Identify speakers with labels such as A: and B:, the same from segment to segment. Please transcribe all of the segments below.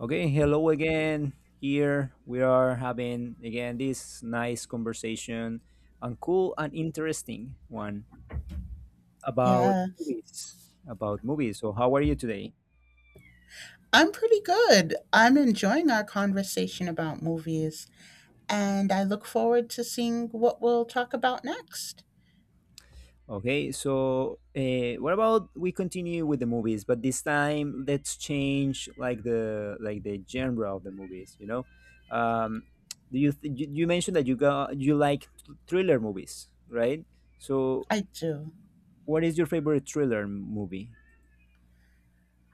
A: Okay, hello again. Here we are having again this nice conversation and cool and interesting one about
B: Yeah,
A: movies. About movies. So, how are you today?
B: I'm pretty good. I'm enjoying our conversation about movies, and I look forward to seeing what we'll talk about next.
A: Okay, so what about we continue with the movies, but this time let's change like the genre of the movies. Um, you mentioned that you like thriller movies, right? So,
B: I do.
A: what is your favorite thriller movie?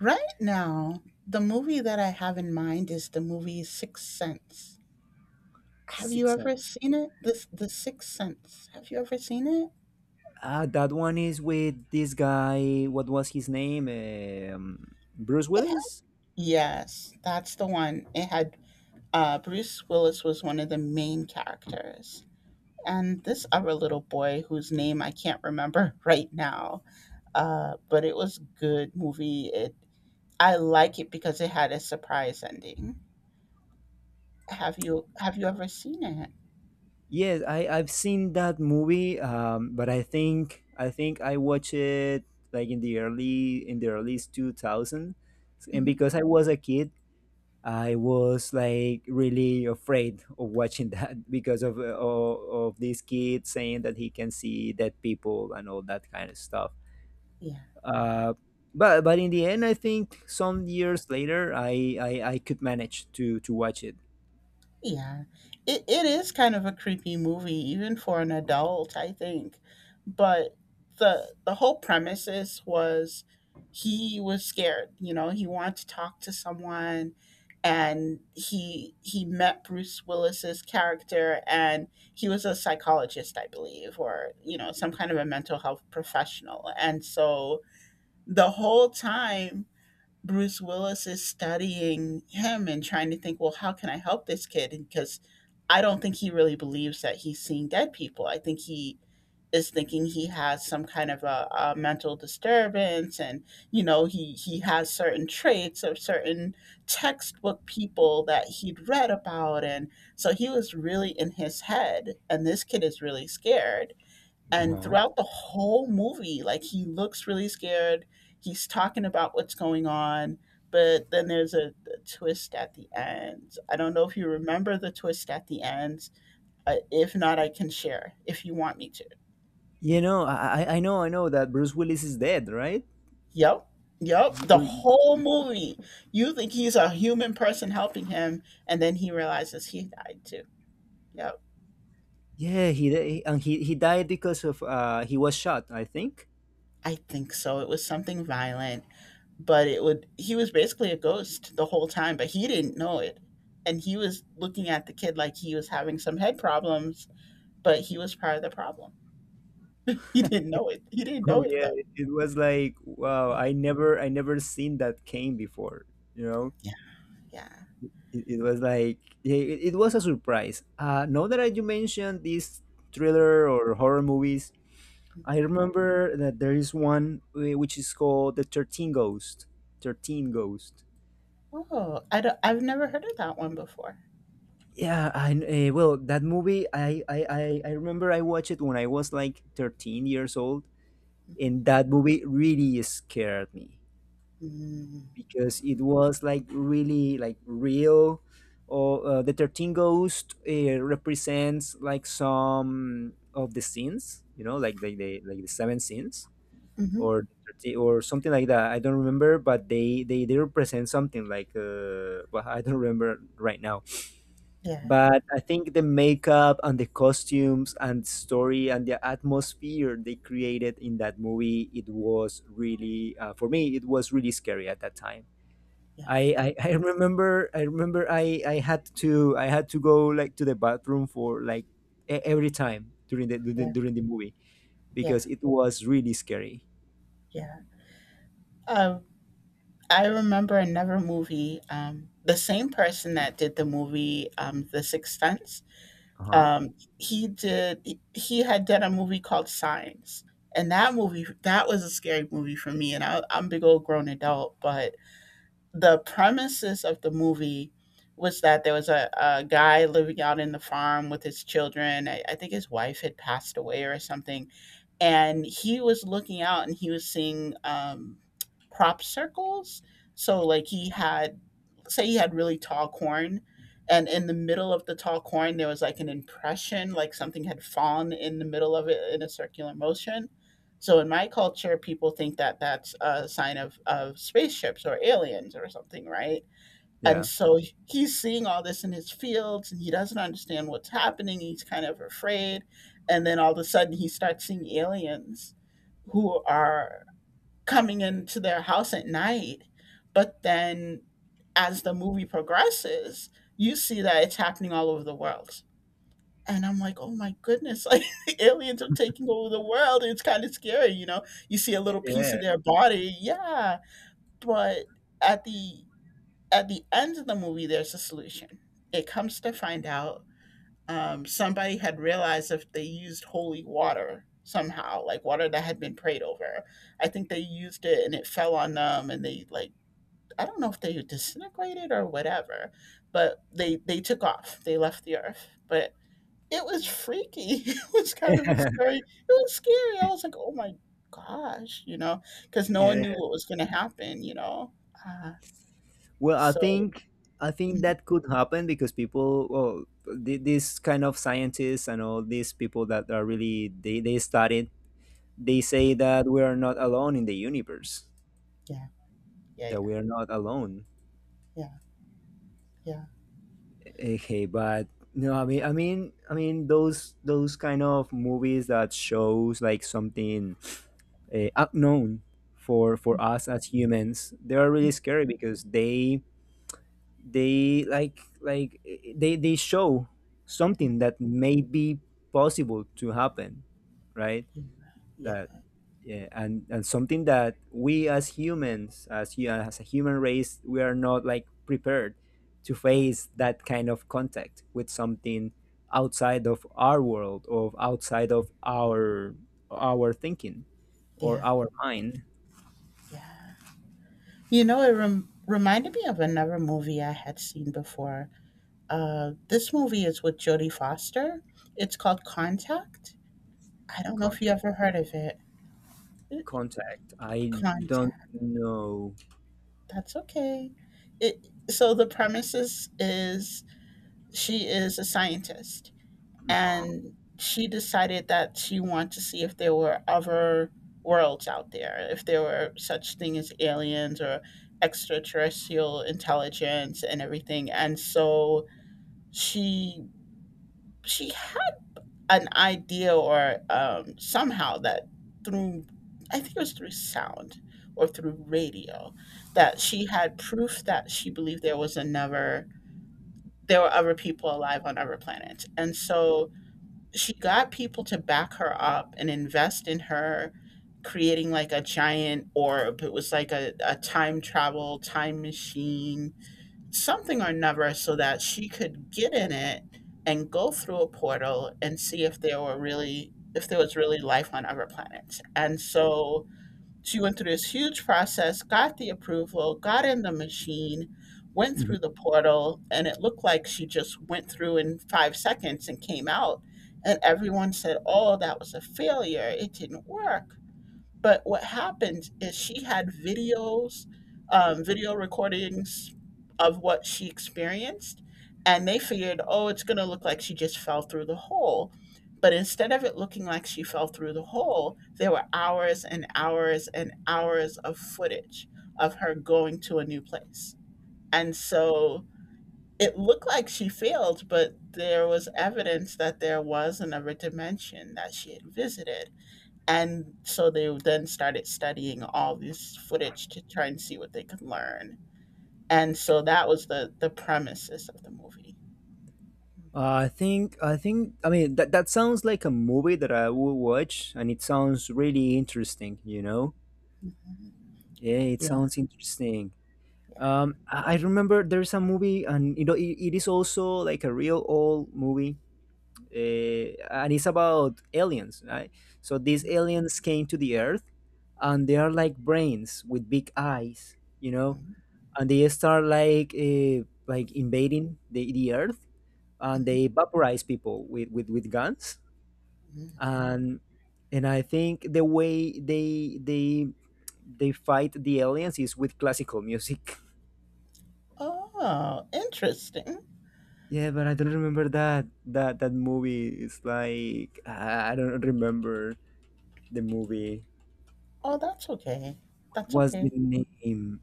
B: Right now, the movie that I have in mind is the movie Sixth Sense. Have you
A: Six
B: ever
A: Sense.
B: seen it? This The Sixth Sense. Have you ever seen it?
A: Ah, that one is with this guy. What was his name? Bruce
B: It had-
A: Willis.
B: Yes, that's the one. It had Bruce Willis was one of the main characters, and this other little boy whose name I can't remember right now. But it was good movie. It I like it because it had a surprise ending. Have you ever seen it?
A: Yes, I've seen that movie. But I think I watched it like in the early 2000, and
B: Hmm.
A: because I was a kid, I was like really afraid of watching that because of of this kid saying that he can see dead people and all that kind of stuff.
B: Yeah.
A: Uh, but in the end, I think some years later, I could manage to watch it.
B: Yeah, it is kind of a creepy movie, even for an adult, I think. But the whole premises was he was scared. He wanted to talk to someone, and he met Bruce Willis's character, and he was a psychologist, I believe, or some kind of a mental health professional. And so the whole time Bruce Willis is studying him and trying to think, well, how can I help this kid? Because I don't think he really believes that he's seeing dead people. I think he is thinking he has some kind of a mental disturbance, and he has certain traits of certain textbook people that he'd read about, and so he was really in his head, and this kid is really scared, and
A: Uh-huh.
B: throughout the whole movie, like, he looks really scared. He's talking about what's going on, but then there's a twist at the end. I don't know if you remember the twist at the end. If not, I can share if you want me to.
A: I know that Bruce Willis is dead, right?
B: Yep. Yep, the
A: He-
B: whole movie you think he's a human person helping him, and then he realizes he died too. Yep.
A: yeah, and he died because of he was shot, I think.
B: I think so. It was something violent, but it would he was basically a ghost the whole time, but he didn't know it. And he was looking at the kid like he was having some head problems, but he was part of the problem. He didn't know it, he didn't know
A: Oh
B: it
A: yeah,
B: though.
A: it was like wow,
B: Yeah.
A: I never seen that came before. You know,
B: Yeah. Yeah.
A: it was like yeah, it was a surprise. Now that you mentioned these thriller or horror movies, I remember that there is one which is called The 13 Ghost. 13 Ghost.
B: Oh, I've never heard of that one before.
A: Yeah, I well, that movie I remember I watched it when I was like 13 years old and that movie really scared me
B: Mm-hmm.
A: because it was like really like real or the 13 ghost represents like some of the sins, you know, like the seven sins
B: Mm-hmm.
A: or 30 or something like that. I don't remember, but they represent something like well, I don't remember right now.
B: Yeah.
A: But I think the makeup and the costumes and story and the atmosphere they created in that movie it was really for me it was really scary at that time.
B: Yeah.
A: I remember I had to go like to the bathroom for like every time during the
B: Yeah.
A: during, during the movie
B: Yeah.
A: because it was really scary.
B: Yeah. um I remember another movie. The same person that did the movie "The Sixth Sense,"
A: Uh huh.
B: um, he had done a movie called Signs. And that movie, that was a scary movie for me, and I'm a big old grown adult, but the premises of the movie was that there was a guy living out in the farm with his children. I think his wife had passed away or something, and he was looking out, and he was seeing crop circles. So, like, he had say he had really tall corn, and in the middle of the tall corn there was like an impression like something had fallen in the middle of it in a circular motion. So in my culture people think that that's a sign of spaceships or aliens or something, right? And
A: Yeah.
B: so he's seeing all this in his fields, and he doesn't understand what's happening. He's kind of afraid, and then all of a sudden he starts seeing aliens who are coming into their house at night. But then as the movie progresses, you see that it's happening all over the world. And I'm like, oh my goodness, like the aliens are taking over the world. It's kind of scary, you know. You see a little piece of
A: Yeah.
B: their body, yeah. But at the end of the movie, there's a solution. It comes to find out somebody had realized if they used holy water somehow, like water that had been prayed over. I think they used it and it fell on them, and they like I don't know if they disintegrated or whatever, but they took off. They left the earth, but it was freaky. It was kind of a scary. It was scary. I was like, oh my gosh, because no one
A: Yeah.
B: knew what was going to happen. Uh,
A: Well, I
B: so,
A: think I think
B: mm,
A: that could happen because people, well, these kind of scientists and all these people that are really they studied, they say that we are not alone in the universe,
B: yeah, yeah,
A: that
B: yeah,
A: we are not alone.
B: yeah, yeah.
A: Okay, but no, I mean, those kind of movies that shows like something unknown for us as humans, they are really scary because they like eh, they show
B: Mm,
A: something that may be possible to happen, right
B: yeah, yeah,
A: that Yeah, and something that we as humans as you as a human race we are not like prepared to
B: yeah,
A: face that kind of contact with something outside of our world or outside of our thinking or
B: yeah,
A: our mind.
B: yeah. You know, it reminded me of another movie I had seen before. This movie is with Jodie Foster. It's called Contact. I don't know if
A: con-
B: you ever heard of it.
A: contact I don't
B: Contact.
A: know.
B: That's okay. It So the premises is she is a scientist,
A: Uh-huh.
B: and she decided that she wanted to see if there were other worlds out there, if there were such thing as aliens or extraterrestrial intelligence and everything. And so she she had an idea, or somehow that through, I think it was through sound or through radio, that she had proof that she believed there was another there were other people alive on other planets. And so she got people to back her up and invest in her creating like a giant orb. It was like a time machine something or another, so that she could get in it and go through a portal and see if there was really life on other planets. And so she went through this huge process, got the approval, got in the machine, went through the portal, and it looked like she just went through in 5 seconds and came out, and everyone said, "Oh, that was a failure. It didn't work." But what happened is she had videos, video recordings of what she experienced, and they figured, oh, it's going to look like she just fell through the hole. But instead of it looking like she fell through the hole, there were hours and hours and hours of footage of her going to a new place. And so it looked like she failed, but there was evidence that there was another dimension that she had visited, and so they then started studying all this footage to try and see what they could learn. And so that was the premises of the movie.
A: I think I mean that sounds like a movie that I would watch, and it sounds really interesting. You know,
B: Mhm.
A: yeah, it
B: Yeah.
A: sounds interesting.
B: Yeah.
A: I remember there's a movie, and it is also like a real old movie, and it's about aliens, right? So these aliens came to the Earth, and they are like brains with big eyes, you know,
B: Mhm,
A: and they start like invading the Earth, and
B: mhm,
A: they vaporize people with with guns
B: mhm.
A: and and I think the way they fight the aliens is with classical music.
B: Oh, interesting.
A: Yeah, but I don't remember that movie. It's like I don't remember the movie.
B: Oh, that's okay.
A: What
B: That's
A: was the
B: okay.
A: name?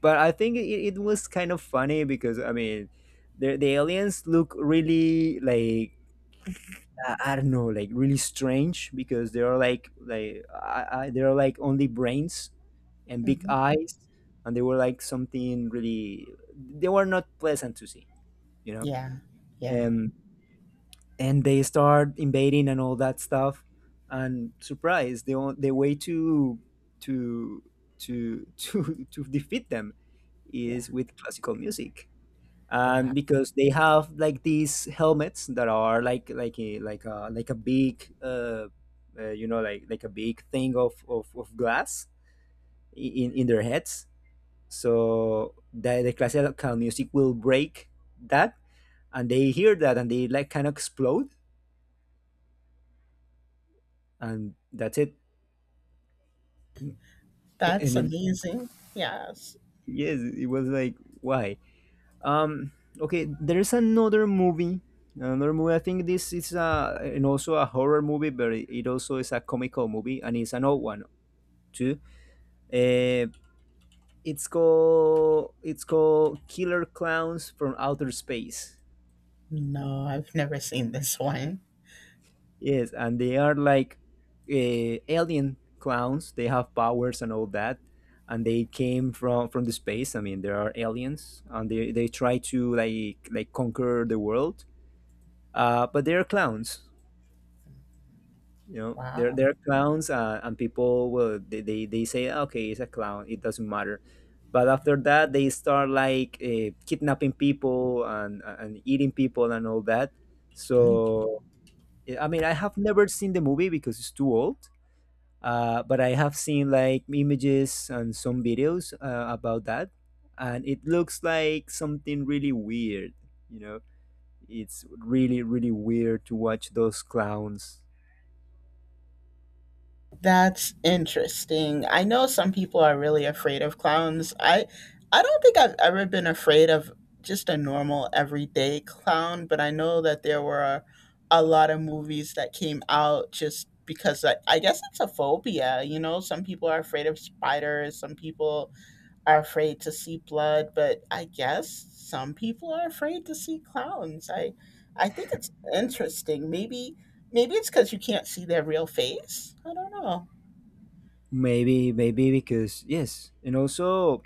A: But I think it was kind of funny because I mean, the aliens look really like I don't know, like really strange because they are like they are like only brains and big
B: Hmm.
A: eyes, and they were like something really. They were not pleasant to see, you know.
B: Yeah. Yeah.
A: Um, and they start invading and all that stuff, and surprise, the way to to to defeat them
B: Yeah.
A: is with classical music
B: Wow.
A: and because they have like these helmets that are like like a big like a big thing of of glass in their heads so the classical music will break that and they hear that and they like kind of explode and that's it. A-
B: That's
A: and it,
B: amazing. Yes.
A: yes, it was like, why? Um, okay, there is another movie. Another movie. I think this is a and also a horror movie, but it also is a comical movie, and it's an old one too. Uh, it's called Killer Clowns from Outer Space.
B: No, I've never seen this one.
A: Yes, and they are like alien clowns. They have powers and all that, and they came from the space. I mean, there are aliens, and they try to like conquer the world. But they are clowns, there
B: Wow.
A: there are clowns, and people will they say okay, it's a clown, it doesn't matter, but after that they start like kidnapping people and eating people and all that,
B: Mm-hmm.
A: so I mean I have never seen the movie because it's too old, but I have seen like images and some videos about that, and it looks like something really weird, you know it's really really weird to watch those clowns.
B: That's interesting. I know some people are really afraid of clowns. I don't think I've ever been afraid of just a normal everyday clown, but I know that there were a lot of movies that came out just because I guess it's a phobia, you know, some people are afraid of spiders, some people are afraid to see blood, but I guess some people are afraid to see clowns. I think it's interesting. Maybe it's cuz you can't see their real face. I don't know.
A: Maybe, maybe because yes, and also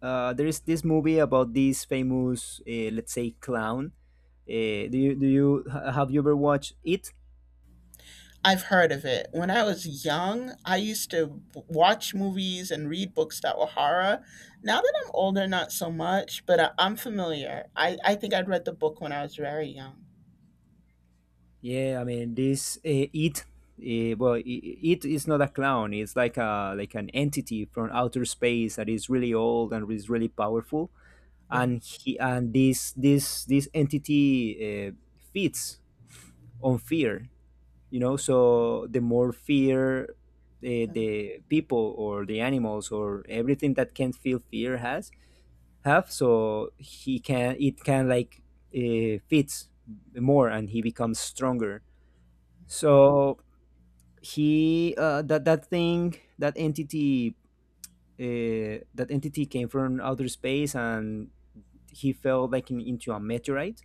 A: there is this movie about this famous, let's say, clown. Have you ever watched it?
B: I've heard of it. When I was young, I used to watch movies and read books that were horror. Now that I'm older, not so much, but I'm familiar. I think I'd read the book when I was very young.
A: Yeah, I mean this, it. Well, it is not a clown. It's like a like an entity from outer space that is really old and is really powerful.
B: Yeah.
A: And he and this entity feeds on fear. So the more fear, the people or the animals or everything that can feel fear has have, so he can it can like fits more and he becomes stronger. So he that entity came from outer space, and he fell like into a meteorite,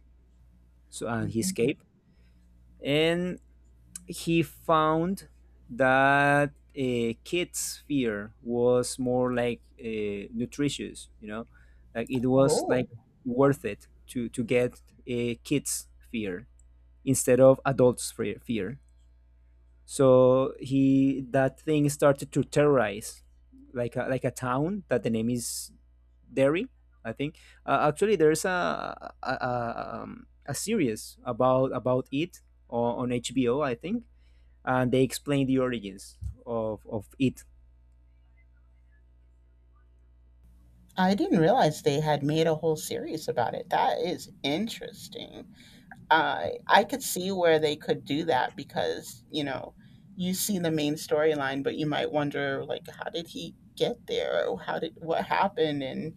A: so, and he
B: Mm-hmm.
A: escaped, and he found that kids' fear was more like nutritious, like it was
B: Oh,
A: like worth it to get a kids' fear instead of adults' fear. So he that thing started to terrorize like a town that the name is Derry, I think. Actually, there's a series about it on HBO, I think, and they explain the origins of it.
B: I didn't realize they had made a whole series about it. That is interesting. I could see where they could do that because, you know, you see the main storyline, but you might wonder, like, how did he get there? Or how did what happened? And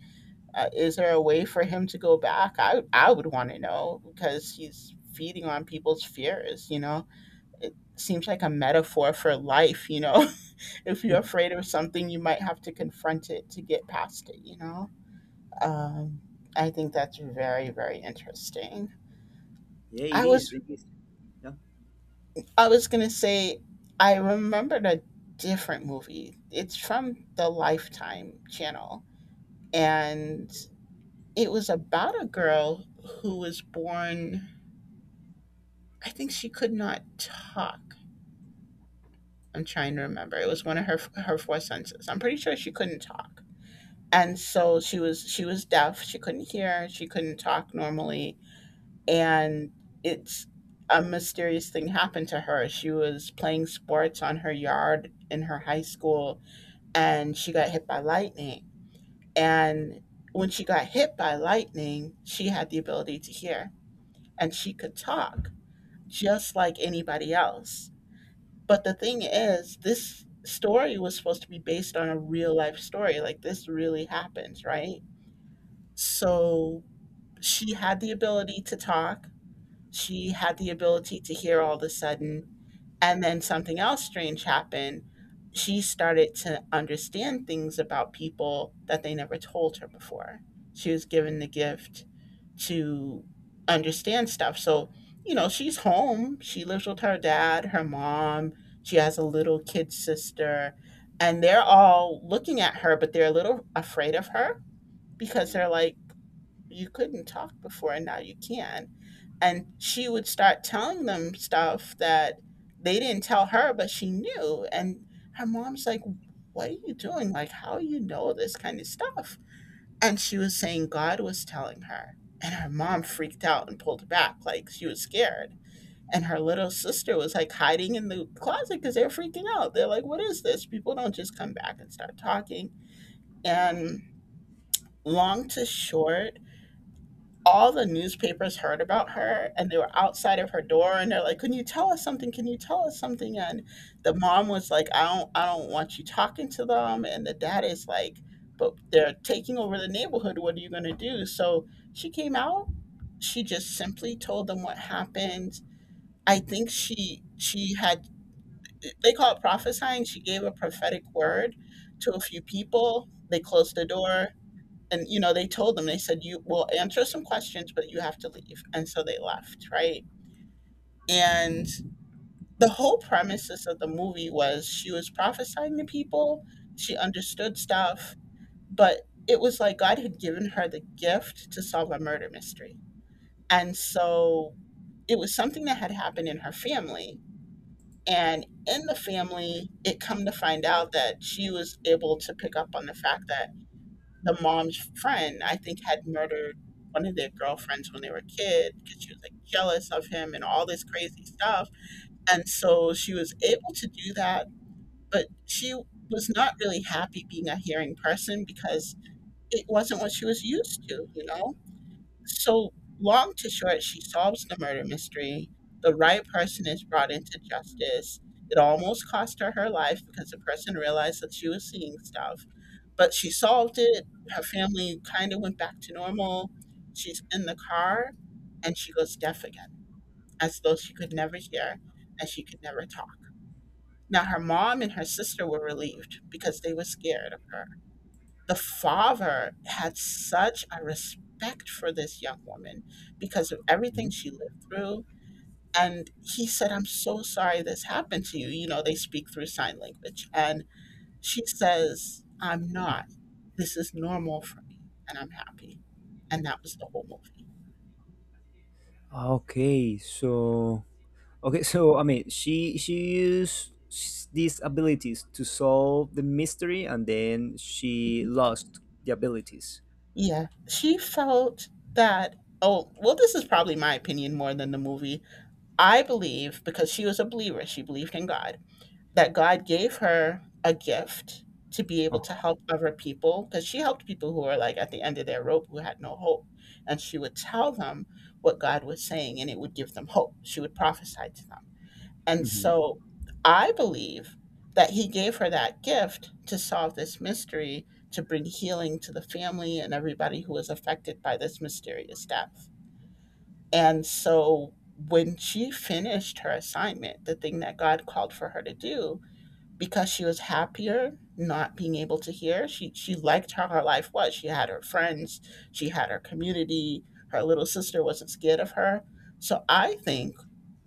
B: Is there a way for him to go back? I would want to know because he's feeding on people's fears. You know, it seems like a metaphor for life. If you're afraid of something, you might have to confront it to get past it. Um, I think that's very very interesting.
A: Yeah, it
B: I
A: is.
B: was
A: It is. Yeah.
B: I was gonna say I remembered a different movie. It's from the Lifetime channel, and it was about a girl who was born, I think she could not talk. I'm trying to remember. It was one of her four senses. I'm pretty sure she couldn't talk. And so she was deaf. She couldn't hear. She couldn't talk normally. And it's a mysterious thing happened to her. She was playing sports on her yard in her high school, and she got hit by lightning. And when she got hit by lightning, she had the ability to hear, and she could talk just like anybody else. But the thing is, this story was supposed to be based on a real life story. Like, this really happens, right? So she had the ability to talk. She had the ability to hear all of a sudden. And then something else strange happened. She started to understand things about people that they never told her before. She was given the gift to understand stuff. So, she's home. She lives with her dad, her mom. She has a little kid sister. And they're all looking at her, but they're a little afraid of her because they're
A: Mhm.
B: like, you couldn't talk before and now you can. And she would start telling them stuff that they didn't tell her, but she knew. And her mom's like, what are you doing? Like, how do you know this kind of stuff? And she was saying God was telling her. And her mom freaked out and pulled back, like she was scared. And her little sister was like hiding in the closet because they're freaking out. They're like, what is this? People don't just come back and start talking. And long to short, all the newspapers heard about her and they were outside of her door and they're like, can you tell us something, can you tell us something? And the mom was like, I don't want you talking to them, and the dad is like, but they're taking over the neighborhood, what are you going to do? So she came out, she just simply told them what happened. I think she had, they call it prophesying, she gave a prophetic word to a few people. They closed the door and they told them, they said, you will answer some questions but you have to leave, and so they left, right? And the whole premises of the movie was she was prophesying to people, she understood stuff. But it was like God had given her the gift to solve a murder mystery. And so it was something that had happened in her family, and in the family it come to find out that she was able to pick up on the fact that the mom's friend, I think, had murdered one of their girlfriends when they were kids because she was like jealous of him and all this crazy stuff. And so she was able to do that, but she was not really happy being a hearing person because it wasn't what she was used to, you know? So, long to short, she solves the murder mystery. The right person is brought into justice. It almost cost her her life because the person realized that she was seeing stuff, but she solved it. Her family kind of went back to normal. She's in the car and she goes deaf again, as though she could never hear and she could never talk. Now, her mom and her sister were relieved because they were scared of her. The father had such a respect for this young woman because of everything she lived through. And he said, I'm so sorry this happened to you. You know, they speak through sign language. And she says, I'm not. This is normal for me, and I'm happy. And that was the whole movie.
A: Okay, so okay, so I mean, she used these abilities to solve the mystery, and then she
B: Mhm.
A: lost the abilities.
B: Yeah. She felt that, oh, well, this is probably my opinion more than the movie. I believe, because she was a believer, she believed in God, that God gave her a gift to be able to
A: Oh,
B: help other people because she helped people who were like at the end of their rope, who had no hope. And she would tell them what God was saying and it would give them hope. She would prophesy to them. And
A: mhm.
B: so I believe that he gave her that gift to solve this mystery, to bring healing to the family and everybody who was affected by this mysterious death. And so when she finished her assignment, the thing that God called for her to do, because she was happier not being able to hear. She liked how her life was. She had her friends, she had her community. Her little sister wasn't scared of her. So I think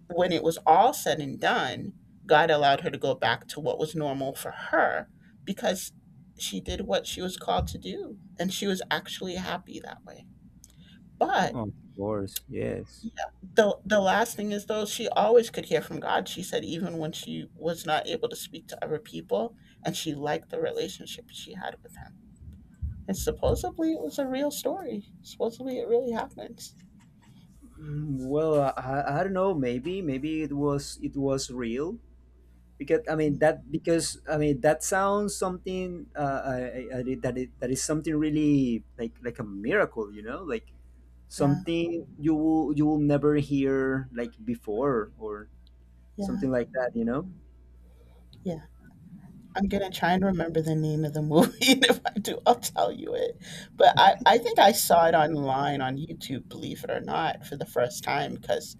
B: when it was all said and done, God allowed her to go back to what was normal for her because she did what she was called to do and she was actually happy that way. But
A: Of course, yes.
B: yeah. The last thing is though, she always could hear from God. She said even when she was not able to speak to other people, and she liked the relationship she had with him. And supposedly it was a real story. Supposedly it really happens.
A: Well, I don't know. Maybe, maybe it was, real. Because I mean that sounds something, I did- that it, that is something really like a miracle, like
B: Yeah,
A: something you will never hear like before, or
B: yeah,
A: something like that.
B: yeah. I'm gonna try and remember the name of the movie, and if I do, I'll tell you it. But I think I saw it online on YouTube, believe it or not, for the first time because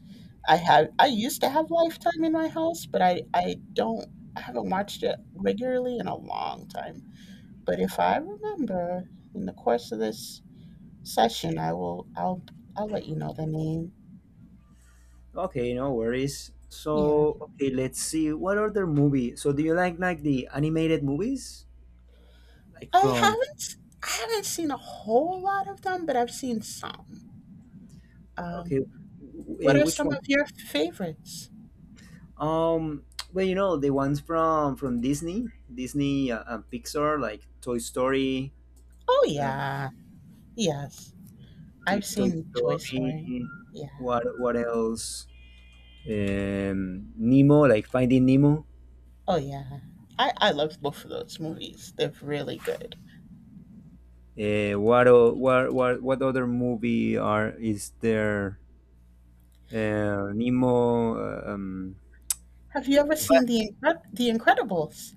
B: I used to have Lifetime in my house, but I don't, I haven't watched it regularly in a long time. But if I remember in the course of this session, I'll let you know the name.
A: Okay, no worries.
B: Yeah,
A: So okay, let's see what other movie. So do you like the animated movies, like
B: I
A: from.
B: haven't I haven't seen a whole lot of them, but I've seen some. Um,
A: Okay,
B: What are
A: which
B: some of
A: one?
B: your favorites?
A: Um, well, you know the ones from Disney and Pixar, like Toy Story,
B: Oh,
A: uh,
B: yeah. Yes. I've
A: Toy
B: seen Toy Story.
A: Story.
B: Yeah.
A: What else? Nemo, like Finding Nemo.
B: Oh, yeah. I love both of those movies. They're really good.
A: What o- what what other movie are is there? Nemo.
B: Have you ever
A: But-
B: seen the Incredibles?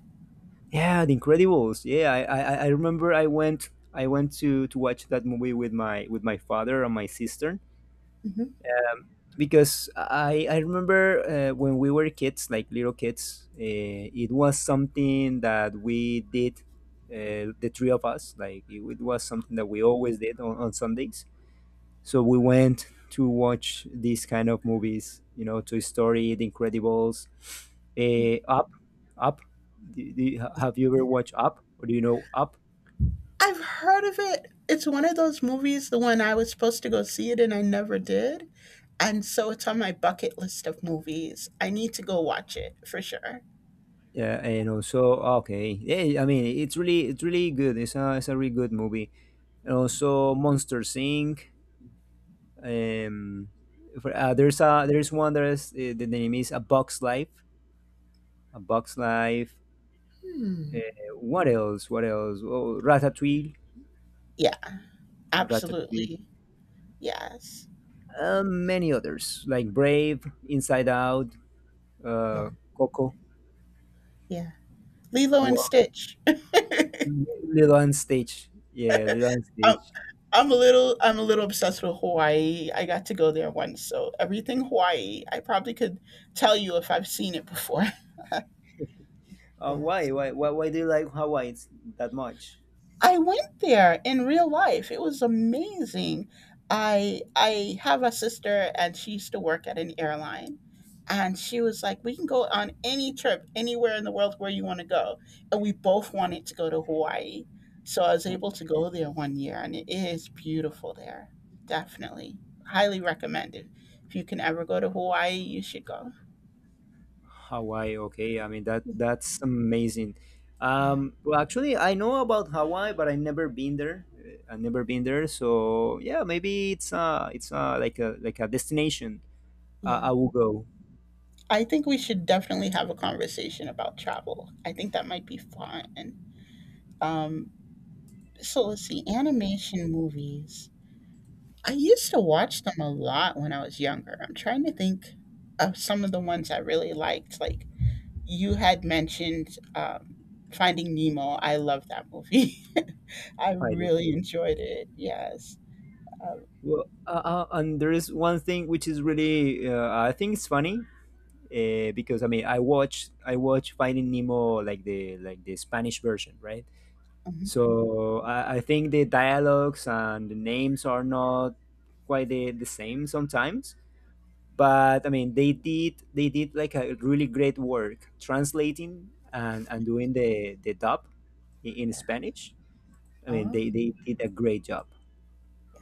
A: yeah, The Incredibles. Yeah, I remember I went to watch that movie with my father and my sister,
B: Hmm.
A: because I remember when we were kids, like little kids, it was something that we did, the three of us. Like it was something that we always did on Sundays. So we went to watch these kind of movies, Toy Story, The Incredibles,
B: Hmm.
A: Up, Up. Have you ever watched Up? Or do you know Up?
B: I've heard of it. It's one of those movies, the one I was supposed to go see it and I never did. And so it's on my bucket list of movies. I need to go watch it for sure.
A: Yeah, and also okay. Yeah, I mean it's really good. It's a really good movie. And also Monster Inc. Um, there's one that is, the name is A Box Life. A Box Life.
B: Hmm.
A: Uh, what else? What else? Oh, Ratatouille.
B: Yeah,
A: Ratatouille.
B: absolutely. Yes.
A: Many others like Brave, Inside Out,
B: Yeah,
A: uh, Coco,
B: yeah. Lilo and
A: Wa-
B: Stitch.
A: Little and Stage. Yeah, Little and
B: I'm,
A: Stage.
B: I'm a little obsessed with Hawaii. I got to go there once, so everything Hawaii, I probably could tell you if I've seen it before. Yes.
A: Why do you like Hawaii that much?
B: I went there in real life. It was amazing. I have a sister and she used to work at an airline and she was like, "We can go on any trip anywhere in the world where you want to go." And we both wanted to go to Hawaii. So I was able to go there one year and it is beautiful there. Definitely. Highly recommended. If you can ever go to Hawaii, you should go.
A: Hawaii, okay. I mean that's amazing.
B: Yeah.
A: Well, actually, I know about Hawaii, but I never been there. I never been there, so yeah, maybe it's like a destination
B: Yeah.
A: I will go.
B: I think we should definitely have a conversation about travel. I think that might be fun. Um, so let's see, animation movies. I used to watch them a lot when I was younger. I'm trying to think of some of the ones I really liked. Like you had mentioned Finding Nemo. I love that movie. I
A: Finally.
B: really enjoyed it. Yes. Um,
A: Well, and there is one thing which is really I think it's funny because I mean I watch Finding Nemo like the Spanish version, right?
B: mhm.
A: So I think the dialogues and the names are not quite the same sometimes. But I mean, they did like a really great work translating and doing the dub in
B: Yeah.
A: Spanish. I mean,
B: Oh,
A: they did a great job.
B: yeah.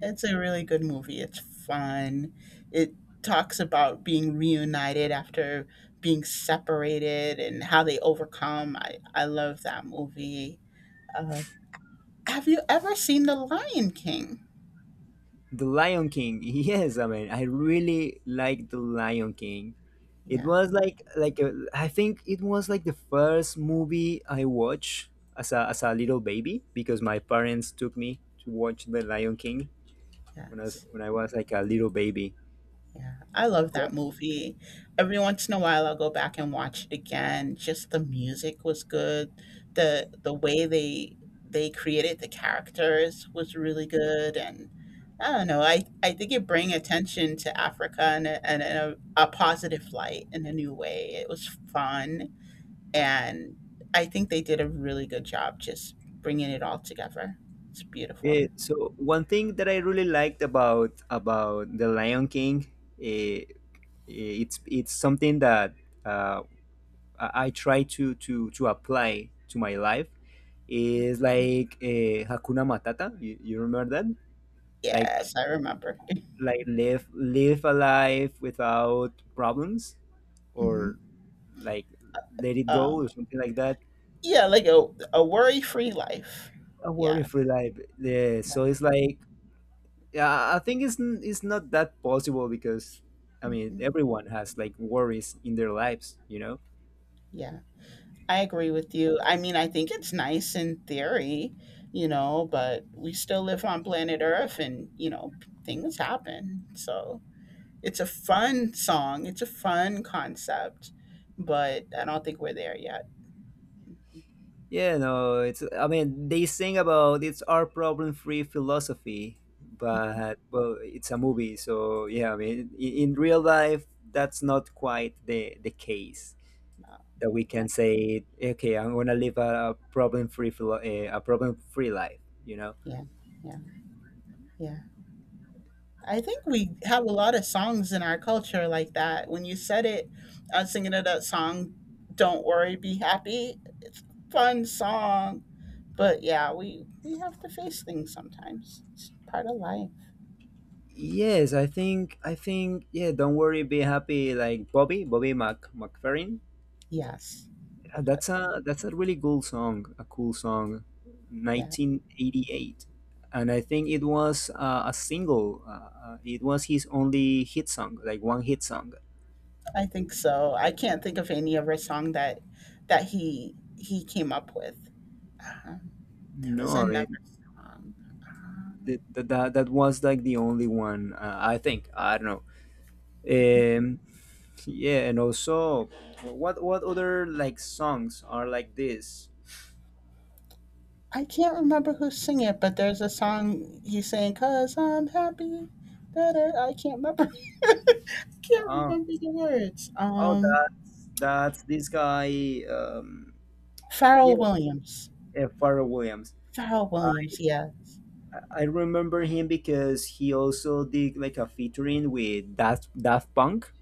B: It's a really good movie. It's fun. It talks about being reunited after being separated and how they overcome. I love that movie. Uh, have you ever seen The Lion King?
A: The Lion King. Yes, I mean, I really like The Lion King. It was
B: Yes,
A: like I think it was like the first movie I watched as a little baby because my parents took me to watch The Lion King when I was
B: yes,
A: when I was like a little baby.
B: yeah. I love that movie. Every once in a while, I'll go back and watch it again. Just the music was good. The way they created the characters was really good, and I don't know. I think it bring attention to Africa in a positive light in a new way. It was fun, and I think they did a really good job just bringing it all together. It's beautiful.
A: So one thing that I really liked about The Lion King, eh, it's something that. Uh, I try to apply to my life is like Hakuna Matata. You remember that? Like
B: Yes, I remember.
A: like live a life without problems
B: Mhm.
A: or like let it
B: Um,
A: go or something like that.
B: yeah, like a worry free life.
A: A worry
B: Yes.
A: free life. Yeah. So it's like yeah, I think it's not that possible because I mean
B: Mhm.
A: everyone has like worries in their lives, you know.
B: Yeah, I agree with you. I mean, I think it's nice in theory, you know, but we still live on planet Earth and, you know, p- things happen. So it's a fun song, it's a fun concept, but I don't think we're there yet.
A: Yeah, no, it's. I mean, they sing about it's our problem-free philosophy, but well, it's a movie, so yeah. I mean, in real life, that's not quite the case
B: No,
A: that we can
B: no.
A: say, okay, I'm gonna live a, a problem-free life. You know?
B: Yeah, yeah, yeah. I think we have a lot of songs in our culture like that. When you said it, I was thinking of that song, Don't Worry, Be Happy. Fun song. But yeah, we have to face things sometimes. It's part of life.
A: Yes, I think yeah. Don't worry, be happy. Like Bobby Mac McFerrin.
B: Yes. Yes.
A: That's a really cool song, a cool song,
B: Yeah,
A: 1988, and I think it was a single. It was his only hit song, like one hit song.
B: I think so. I can't think of any other song that that he came up with. Um, there was
A: No, I
B: another
A: mean
B: song. Uh-huh.
A: that was like the only one. I think I don't know. Um, yeah, and also, what other like songs are like this?
B: I can't remember who's singing it, but there's a song he's saying, "Cause I'm happy." That I can't remember. I can't
A: Oh,
B: remember the words.
A: oh, that's this guy. Yeah,
B: Pharrell Williams.
A: Pharrell Williams.
B: Pharrell Williams. Yes.
A: I remember him because he also did like a featuring with Daft Punk.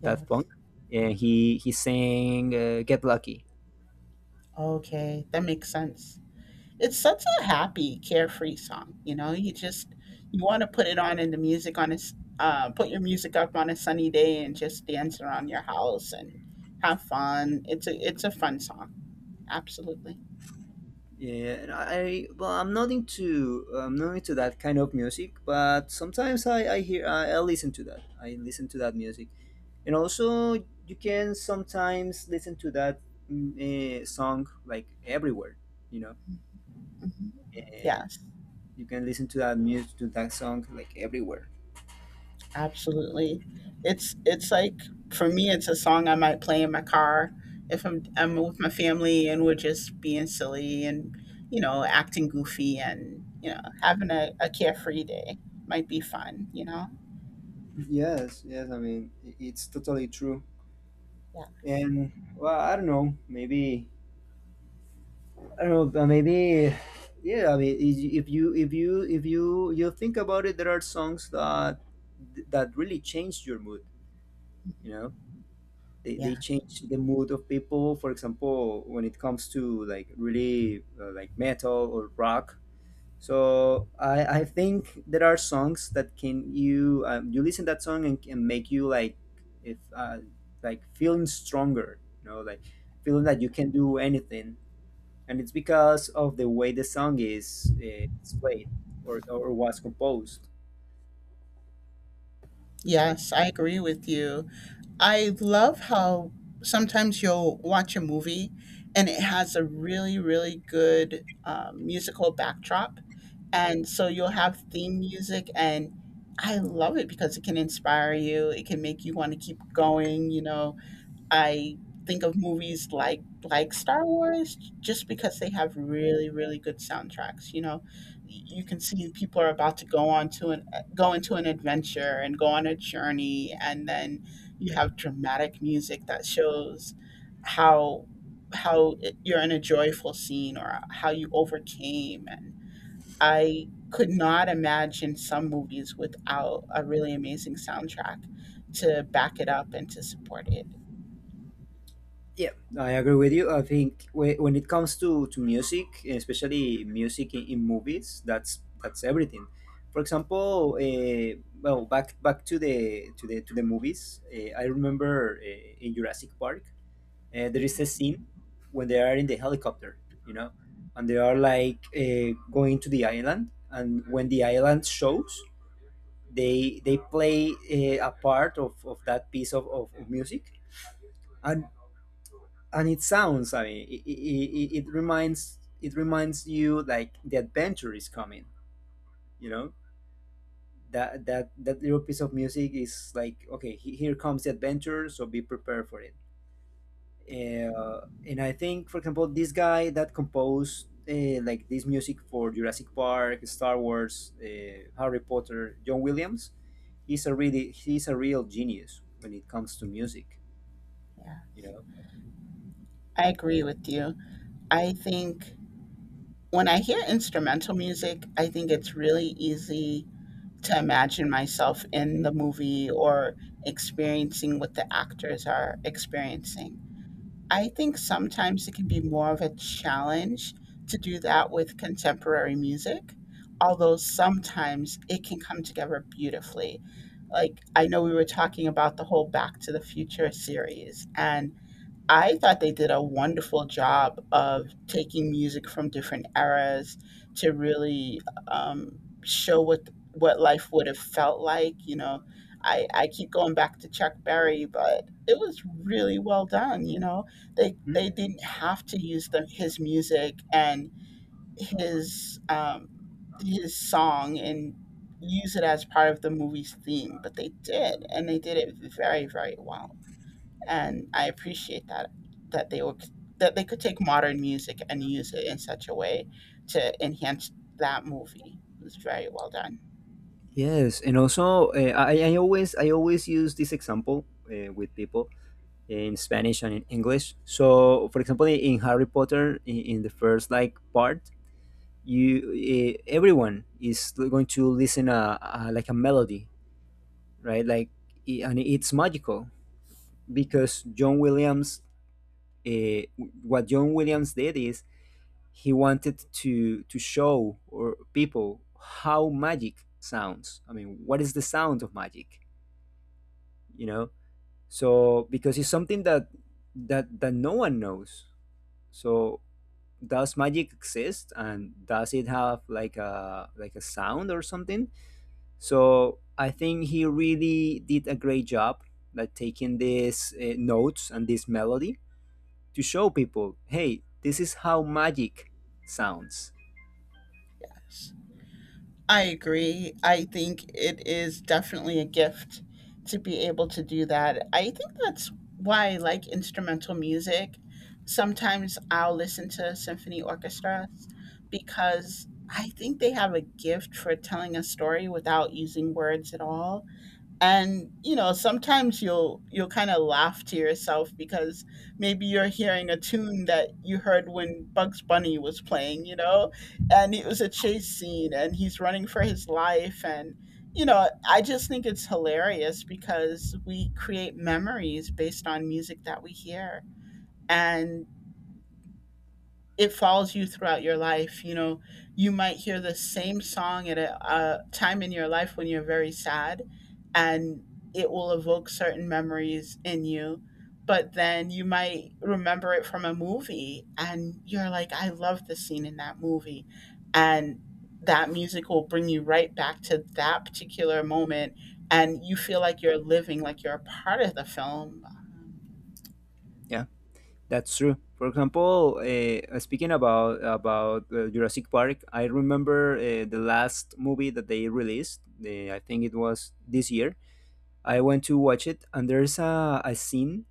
A: Daft
B: Yes.
A: Punk, and he sang "Get Lucky."
B: Okay, that makes sense. It's such a happy, carefree song. You know, you just you want to put it on in the music on a put your music up on a sunny day and just dance around your house and have fun. It's a fun song. Absolutely.
A: Yeah, and I well, I'm not into that kind of music, but sometimes I listen to that. I listen to that music, and also you can sometimes listen to that song like everywhere. You know,
B: Hmm.
A: uh,
B: Yes.
A: you can listen to that music to that song like everywhere.
B: Absolutely. It's like for me it's a song I might play in my car if I'm with my family and we're just being silly and you know, acting goofy and you know, having a carefree day might be fun, you know?
A: Yes, yes. I mean, it's totally true.
B: Yes.
A: And well, I don't know. Maybe I don't know. Maybe yeah. I mean, if you think about it, there are songs that really change your mood. You know, they
B: Yeah.
A: change the mood of people. For example, when it comes to like really like metal or rock. So I think there are songs that can you you listen that song and can make you like if like feeling stronger, you know, like feeling that you can do anything, and it's because of the way the song is it's played or was composed.
B: Yes, I agree with you. I love how sometimes you'll watch a movie and it has a really, really good musical backdrop. And so you'll have theme music, and I love it because it can inspire you. It can make you want to keep going, you know, I think of movies like Star Wars just because they have really really good soundtracks. You know, you can see people are about to go into an adventure and go on a journey, and then you have dramatic music that shows how how you're in a joyful scene or how you overcame. And I could not imagine some movies without a really amazing soundtrack to back it up and to support it.
A: Yeah. I agree with you. I think when it comes to music, especially music in movies, that's everything. For example, well, back to the movies. I remember in Jurassic Park, there is a scene when they are in the helicopter, you know, and they are like going to the island, and when the island shows, they play a part of that piece of music, and and it sounds I mean it reminds you like the adventure is coming, you know, that little piece of music is like okay here comes the adventure, so be prepared for it. And I think, for example, this guy that composed like this music for Jurassic Park, Star Wars, Harry Potter, John Williams, he's a really he's a real genius when it comes to music,
B: Yeah.
A: you know.
B: I agree with you. I think when I hear instrumental music, I think it's really easy to imagine myself in the movie or experiencing what the actors are experiencing. I think sometimes it can be more of a challenge to do that with contemporary music, although sometimes it can come together beautifully. Like, I know we were talking about the whole Back to the Future series, and I thought they did a wonderful job of taking music from different eras to really show what life would have felt like. You know, I keep going back to Chuck Berry, but it was really well done. You know, they didn't have to use the his music and his um, his song and use it as part of the movie's theme, but they did, and they did it very very well. And I appreciate that that they were, that they could take modern music and use it in such a way to enhance that movie. It was very well done.
A: Yes, and also I always use this example with people in Spanish and in English. So, for example, in Harry Potter, in the first like part, you everyone is going to listen a like a melody, right? Like, and it's magical because John Williams, uh, what John Williams did is he wanted to show or people how magic sounds. I mean, what is the sound of magic? You know, so because it's something that that no one knows. So does magic exist and does it have like a sound or something? So I think he really did a great job like taking these notes and this melody to show people, hey, this is how magic sounds.
B: I agree. I think it is definitely a gift to be able to do that. I think that's why I like instrumental music. Sometimes I'll listen to symphony orchestras because I think they have a gift for telling a story without using words at all. And you know, sometimes you'll kind of laugh to yourself because maybe you're hearing a tune that you heard when Bugs Bunny was playing, you know, and it was a chase scene and he's running for his life. And you know, I just think it's hilarious because we create memories based on music that we hear, and it follows you throughout your life. You know, you might hear the same song at a time in your life when you're very sad, and it will evoke certain memories in you. But then you might remember it from a movie, and you're like, I love the scene in that movie. And that music will bring you right back to that particular moment. And you feel like you're living, like you're a part of the film.
A: Yeah. That's true. For example, speaking about Jurassic Park, I remember the last movie that they released. The, I think it was this year. I went to watch it, and there's a scene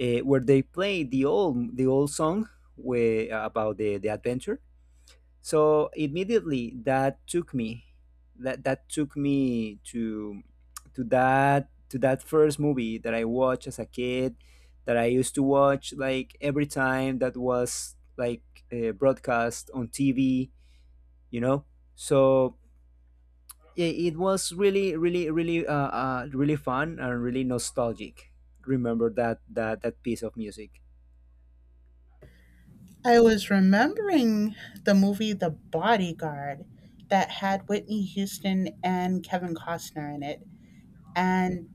A: where they play the old song where, about the adventure, so immediately that took me that took me to that first movie that I watched as a kid that I used to watch like every time that was like broadcast on TV, you know. So yeah, it was really really really really fun and really nostalgic. Remember that piece of music.
B: I was remembering the movie The Bodyguard that had Whitney Houston and Kevin Costner in it. And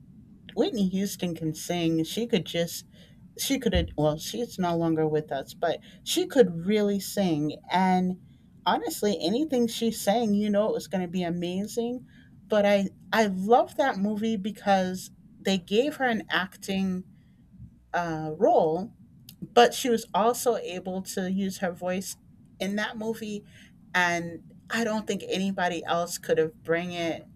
B: Whitney Houston can sing. She could just, she could, well, she's no longer with us, but she could really sing. And honestly, anything she sang, you know, it was going to be amazing. But I love that movie because they gave her an acting role, but she was also able to use her voice in that movie. And I don't think anybody else could have bring it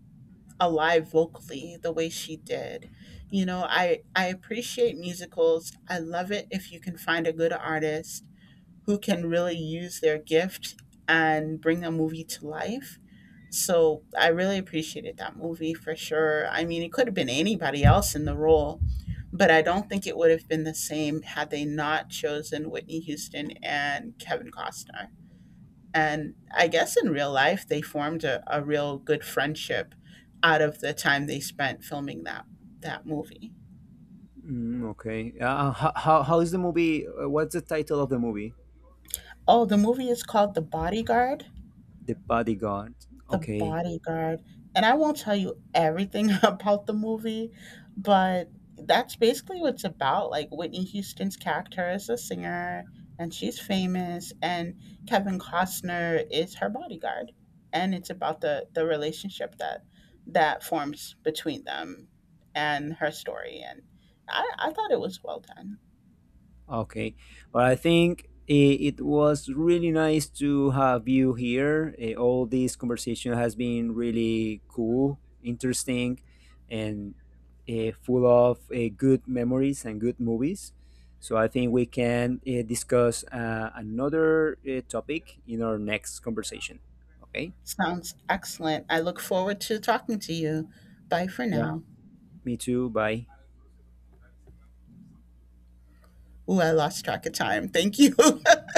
B: alive vocally the way she did. You know, I appreciate musicals. I love it if you can find a good artist who can really use their gift and bring a movie to life. So I really appreciated that movie for sure. I mean, it could have been anybody else in the role, but I don't think it would have been the same had they not chosen Whitney Houston and Kevin Costner. And I guess in real life, they formed a real good friendship out of the time they spent filming that that movie.
A: Mm, okay. How how is the movie? What's the title of the movie?
B: Oh, the movie is called The Bodyguard.
A: The Bodyguard.
B: The
A: Okay,
B: Bodyguard. And I won't tell you everything about the movie, but that's basically what it's about. Like Whitney Houston's character is a singer and she's famous, and Kevin Costner is her bodyguard. And it's about the relationship that that forms between them and her story. And I thought it was well done.
A: okay. But I think it was really nice to have you here. Eh, all this conversation has been really cool, interesting, and full of good memories and good movies. So I think we can discuss another topic in our next conversation. Okay?
B: Sounds excellent. I look forward to talking to you. Bye for
A: Yeah,
B: now.
A: me too. Bye.
B: Ooh, I lost track of time. Thank you.